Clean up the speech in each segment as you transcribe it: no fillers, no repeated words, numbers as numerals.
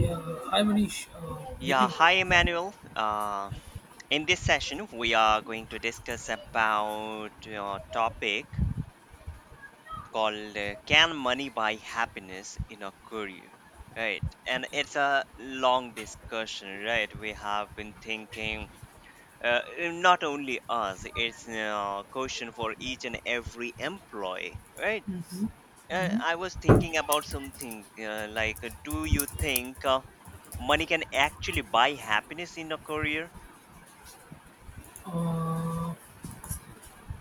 Yeah, hi Manish. Good Yeah, evening. hi Emmanuel. In this session, we are going to discuss about a topic called "Can Money Buy Happiness in a Career?" Right, and it's a long discussion. Right, we have been thinking. Uh, Not only us, it's a question for each and every employee, right? Hmm I was thinking about something like, do you think money can actually buy happiness in a career? Uh,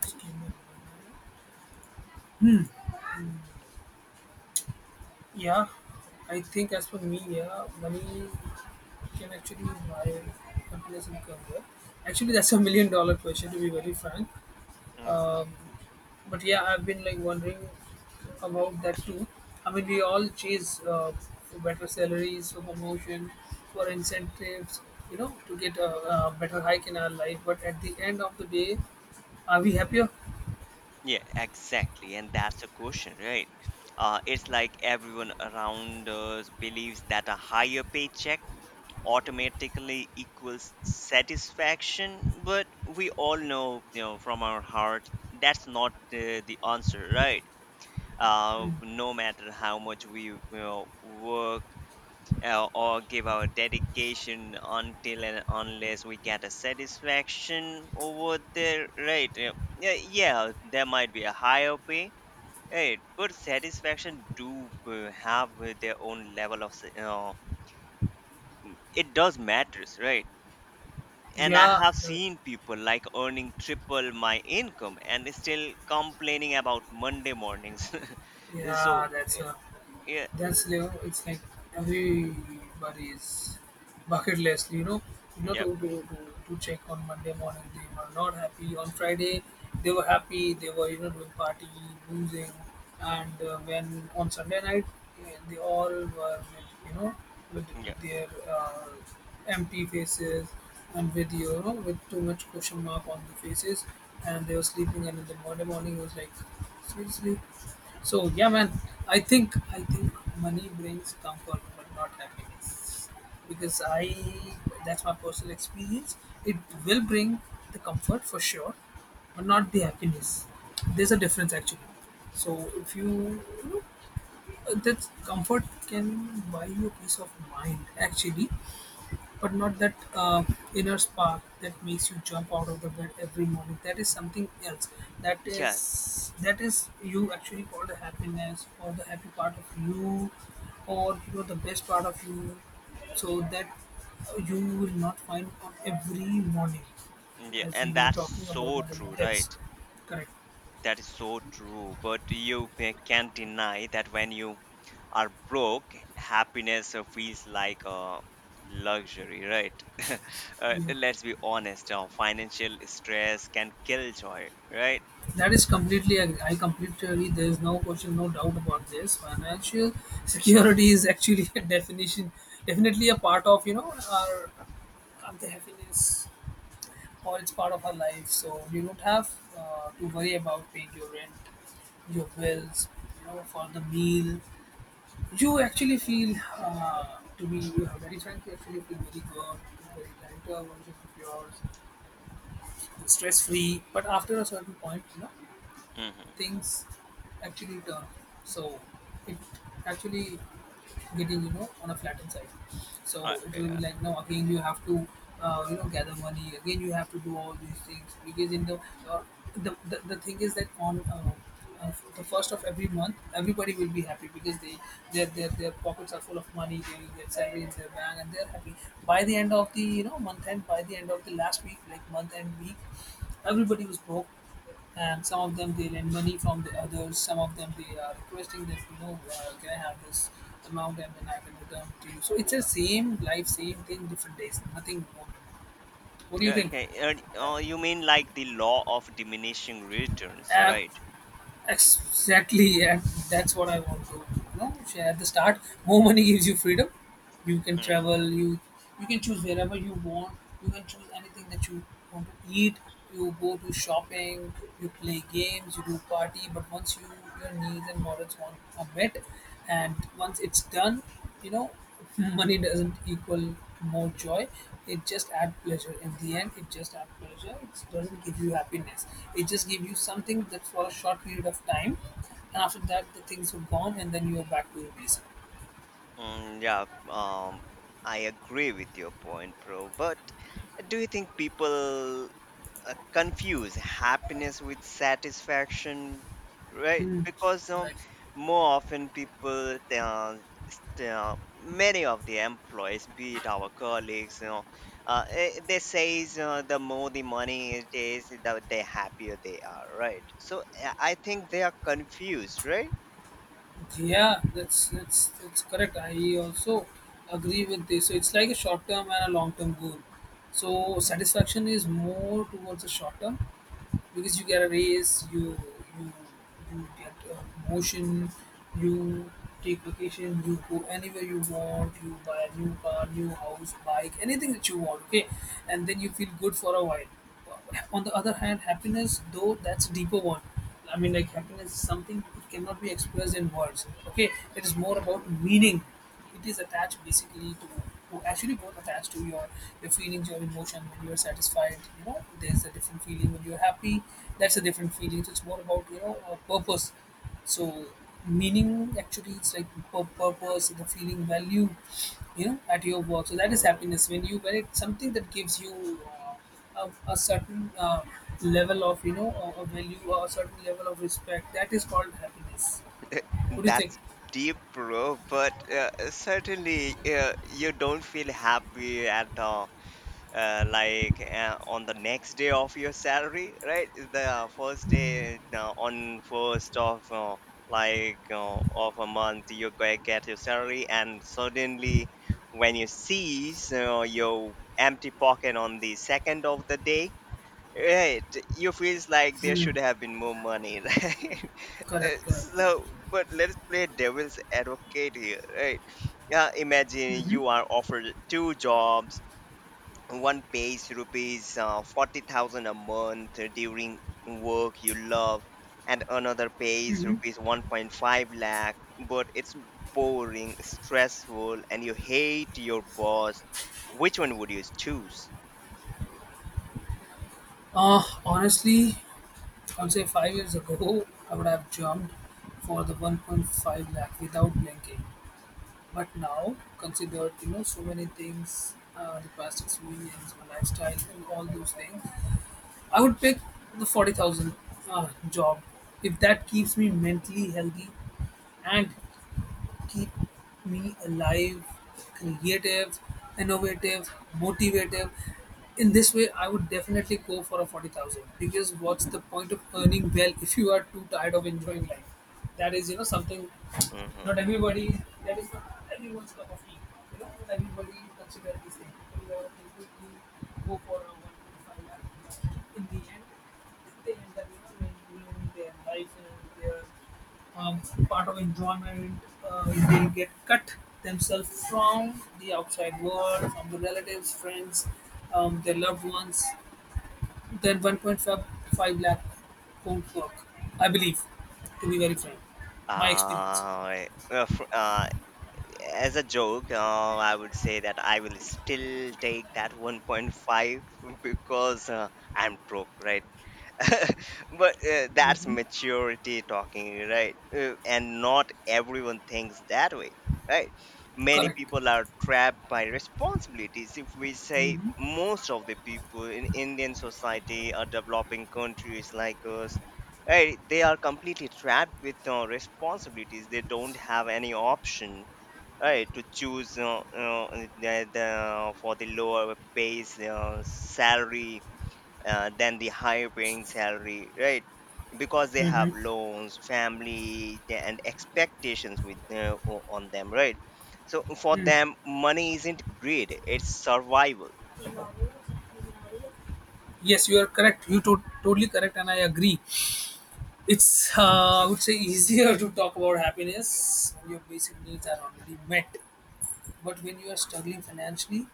just give me a minute. Hmm. Yeah, I think as for me, yeah, money can actually buy happiness and career. Actually, that's $1,000,000 question to be very frank. Mhm. Um, but yeah, I've been like wondering about that too. I mean, we all chase for better salaries, for promotion, for incentives, you know, to get a better hike in our life. But at the end of the day, are we happier? Yeah, exactly. And that's the question, right? It's like everyone around us believes that a higher paycheck automatically equals satisfaction, but we all know, from our heart, that's not the answer, right? No matter how much we work or give our dedication, until and unless we get a satisfaction over there, right? Yeah, yeah, yeah, there might be a higher pay. Right, but satisfaction do have their own level of it does matters, right? And I Yeah, have seen people like earning triple my income and still complaining about Monday mornings. yeah, So uh, yeah, that's you know, it's like everybody's bucket list. You know yeah, to check on Monday morning they were not happy. On Friday they were happy. They were you know doing party, boozing, and when on Sunday night they all were you know, with yeah, their empty faces and with you know, with too much question mark on the faces, and they were sleeping. And in the morning, morning, it was like, seriously. So yeah, man, I think money brings comfort but not happiness because I that's my personal experience. It will bring the comfort for sure, but not the happiness. There's a difference actually. So if you, you know, that comfort can buy you peace of mind, actually, but not that inner spark that makes you jump out of the bed every morning. That is something else. Yeah, That is you actually call the happiness or the happy part of you, or you know the best part of you. So that you will not find on every morning, yeah, as we and were that's talking about. so Morning. true, That's right? correct. That is so true. But you can't deny that when you are broke, happiness feels like a luxury, right? You Let's be honest. Financial stress can kill joy, right? That is completely, I completely agree. There is no question, no doubt about this. Financial security is actually definitely a part of, you know, our, of the happiness or it's part of our life. So you don't have to worry about paying your rent, your bills, you know, for the meal. You actually feel, to be very frank, you actually feel very good, very lighter version of yours, stress free. But after a certain point, you know, Mm-hmm. things actually turn. So it actually getting you know on a flattened side. Uh, So it will uh, be like now again you have to you know gather money again you have to do all these things because in the uh, the thing is that on uh, the first of every month everybody will be happy because they their pockets are full of money they will get salary in their bank and they're happy by the end of the you know month end by the end of the last week like month end week everybody was broke and some of them they lend money from the others some of them they are requesting that you know can I have this amount and then I can return to you. So it's the same life same thing different days nothing more. What do you yeah, think? okay. You mean like the law of diminishing returns, uh, right? Exactly, yeah. That's what I want to you know. Share at the start, more money gives you freedom. You can Mm-hmm. travel. You You can choose wherever you want. You can choose anything that you want to eat. You go to shopping. You play games. You do party. But once you your needs and morals want are met, and once it's done, you know money doesn't equal more joy. It just adds pleasure in the end, it just adds pleasure, it doesn't give you happiness. It just gives you something that's for a short period of time, and after that the things are gone and then you're back to your basic. Mm, yeah. Um, I agree with your point, bro. But do you think people confuse happiness with satisfaction, right? Because Right. more often people many of the employees, be it our colleagues, they say the more the money it is, the happier they are, right? So I think they are confused, right? Yeah, that's correct. I also agree with this. So it's like a short term and a long term goal. So satisfaction is more towards the short term because you get a raise, you you get a promotion, you take vacation, you go anywhere you want, you buy a new car, new house, bike, anything that you want, okay, and then you feel good for a while. On the other hand, happiness though that's a deeper one. I mean, like happiness is something it cannot be expressed in words. Okay, it is more Hmm. about meaning. It is attached basically to actually both attached to your feelings your emotion. When you're satisfied you know there's a different feeling, when you're happy that's a different feeling. So it's more about you know a purpose. So meaning, actually it's like purpose, the feeling value, you know at your work. So that is Hmm. happiness, when you when it's something that gives you a certain level of you know a value or a certain level of respect. That is called happiness. What do you think? That's deep, bro. But certainly, you don't feel happy at all. Like on the next day of your salary, right? The first day on first of like of a month, you get your salary, and suddenly, when you see so your empty pocket on the second of the day, right? You feels like there Hmm. should have been more money, right? Correct correct correct. So, but let's play devil's advocate here, right? Imagine you are offered two jobs. One pays rupees 40,000 a month during work you love, and another pays rupees 1.5 lakh, but it's boring, stressful, and you hate your boss. Which one would you choose? Honestly, I'll say 5 years ago, I would have jumped for the 1.5 lakh without blinking. But now, considered, you know, so many things, the past experience, my lifestyle, and all those things, I would pick the 40,000 job if that keeps me mentally healthy and keep me alive, creative, innovative, motivative. In this way, I would definitely go for a 40,000 because what's the point of earning well if you are too tired of enjoying life? That is, you know, something not Mm-hmm. everybody, that is not everyone's cup of tea. You know, not everybody considers this thing. People who go for a 1.5 lakh in the end, they that you know they ruin their life and their um, part of enjoyment. Uh, they get cut themselves from the outside world, from the relatives, friends, their loved ones. Then 1.5 lakh won't work, I believe, to be very frank. My experience. Uh, uh, fr- uh, as a joke, I would say that I will still take that 1.5 because I'm broke, right? But that's maturity talking, right? And not everyone thinks that way, right? Many Correct. people are trapped by responsibilities. If we say most of the people in Indian society or developing countries like us, right, they are completely trapped with responsibilities. They don't have any option, right, to choose, for the lower pays salary than the higher paying salary, right? Because they have loans, family, yeah, and expectations with on them, right? So for Hmm. them, money isn't greed, it's survival. Yes, you are correct. You totally correct, and I agree. It's I would say easier to talk about happiness when your basic needs are already met. But when you are struggling financially,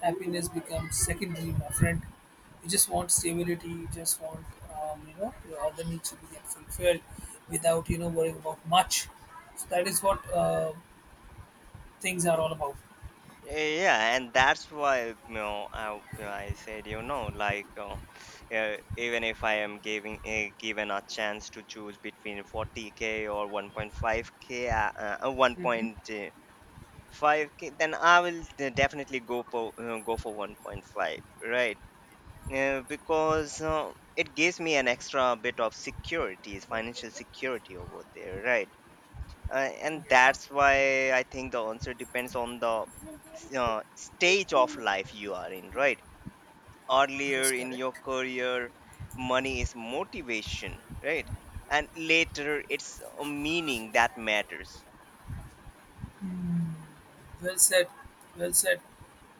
happiness becomes secondary, my friend. You just want stability. You just want you know your other needs to be get fulfilled without you know worrying about much. So that is what things are all about. Yeah, and that's why I said like even if I am giving given a chance to choose between 40k or 1.5k, then I will definitely go for 1.5, right? Because it gives me an extra bit of security, financial security over there, right? And Yeah, that's why I think the answer depends on the stage of life you are in, right? Earlier yes, in your correct. career, money is motivation, right? And later, it's a meaning that matters. Well said. Well said.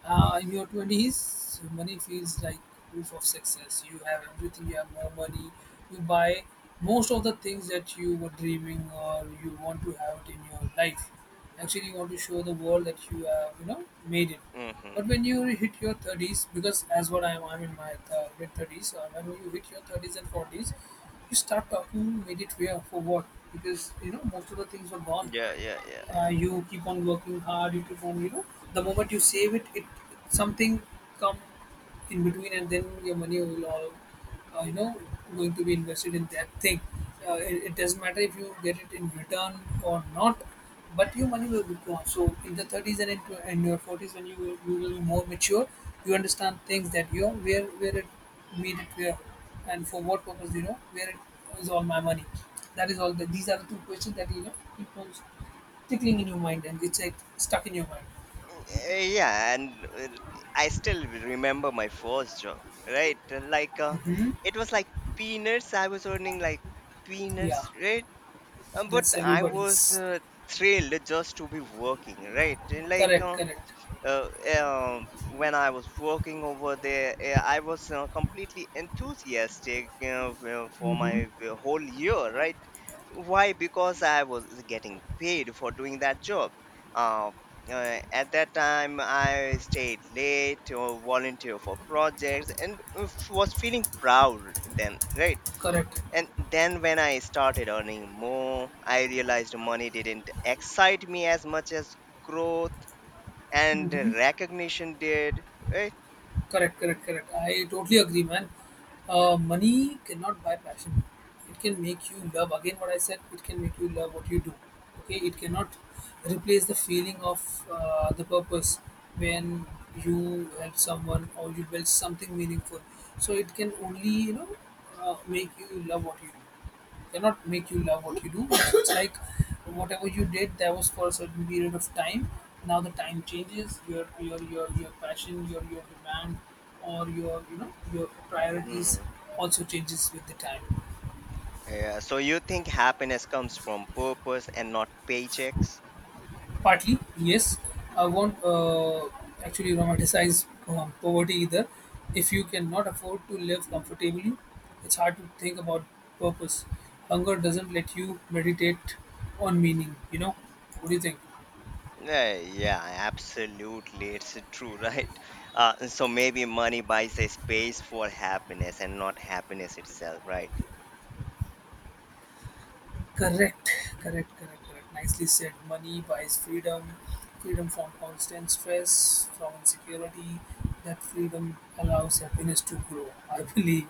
In your 20s, money feels like proof of success. You have everything, you have more money, you buy most of the things that you were dreaming or you want to have it in your life. Actually, you want to show the world that you have, you know, made it. But Hmm. when you hit your 30s, because as what I am, I'm in my mid 30s. So when you hit your 30s and 40s, you start talking, made it where, for what? Because, you know, most of the things were gone. Yeah, yeah, yeah. You keep on working hard, you keep on you know the moment you save it it something come in between and then your money will all you know going to be invested in that thing. It doesn't matter if you get it in return or not, but your money will be gone. So in the 30s and in, in your 40s when you will be more mature. You understand things that you know where it made it where and for what purpose. You know where it is all my money. That is all the, these are the two questions that you know people tickling in your mind and it's like stuck in your mind. Yeah, and uh, I still remember my first job, right? Like it was like peanuts, I was earning like peanuts, Yeah, right? But that's I was everybody's thrilled just to be working, right? And like correct, uh, when I was working over there, I was completely enthusiastic you for my whole year, right? Why? Because I was getting paid for doing that job. Uh, at that time, I stayed late or volunteer for projects, and was feeling proud then, right? correct, And then when I started earning more, I realized money didn't excite me as much as growth and recognition did, right? Correct. I totally agree, man. Money cannot buy passion. It can make you love. Again, what I said, it can make you love what you do. Okay, it cannot replace the feeling of the purpose when you help someone or you build something meaningful. So it can only you know make you love what you do. Cannot make you love what you do. It's like whatever you did, that was for a certain period of time. Now the time changes. Your passion, your demand, or your you know your priorities Hmm. also changes with the time. Yeah, so you think happiness comes from purpose and not paychecks? Partly, yes. I won't actually romanticize poverty either. If you cannot afford to live comfortably, it's hard to think about purpose. Hunger doesn't let you meditate on meaning. You know, what do you think? Yeah, yeah, absolutely. It's true, right? So maybe money buys a space for happiness and not happiness itself, right? Correct, correct. Nicely said. Money buys freedom, freedom from constant stress, from insecurity. That freedom allows happiness to grow, I believe.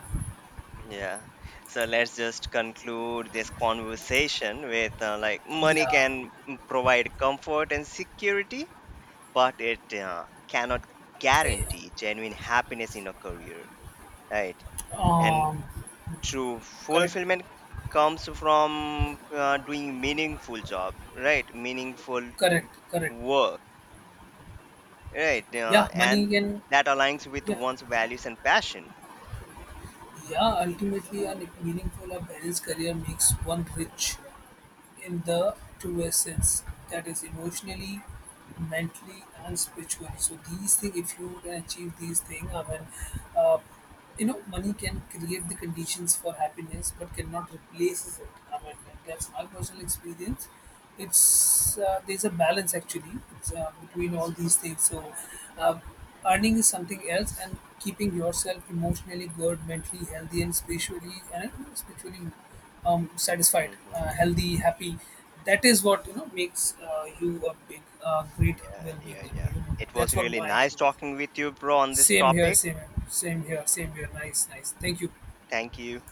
Yeah. So let's just conclude this conversation with like money Yeah. can, provide comfort and security, but it cannot Eh, guarantee genuine happiness in a career, right? And um. true Correct, fulfillment comes from doing meaningful job, right? Meaningful correct. work, right? Yeah. Money And can. that aligns with Yeah. one's values and passion. Yeah. Ultimately, a meaningful, a balanced career makes one rich. In the truest sense, that is emotionally mentally and spiritually. So these things, if you can achieve these things, I mean, uh, you know money can create the conditions for happiness but cannot replaces it. I mean, that's my personal experience. It's there's a balance actually, it's, between all these things. So uh, earning is something else and keeping yourself emotionally good, mentally healthy and spiritually satisfied, Hmm. Healthy, happy. That is what you know makes you a big, great Yeah, well-being. yeah, yeah. You know, It was that's what really my nice talking with you, bro, on this same here, topic. same here, same here, same here. Nice, nice. Thank you. Thank you.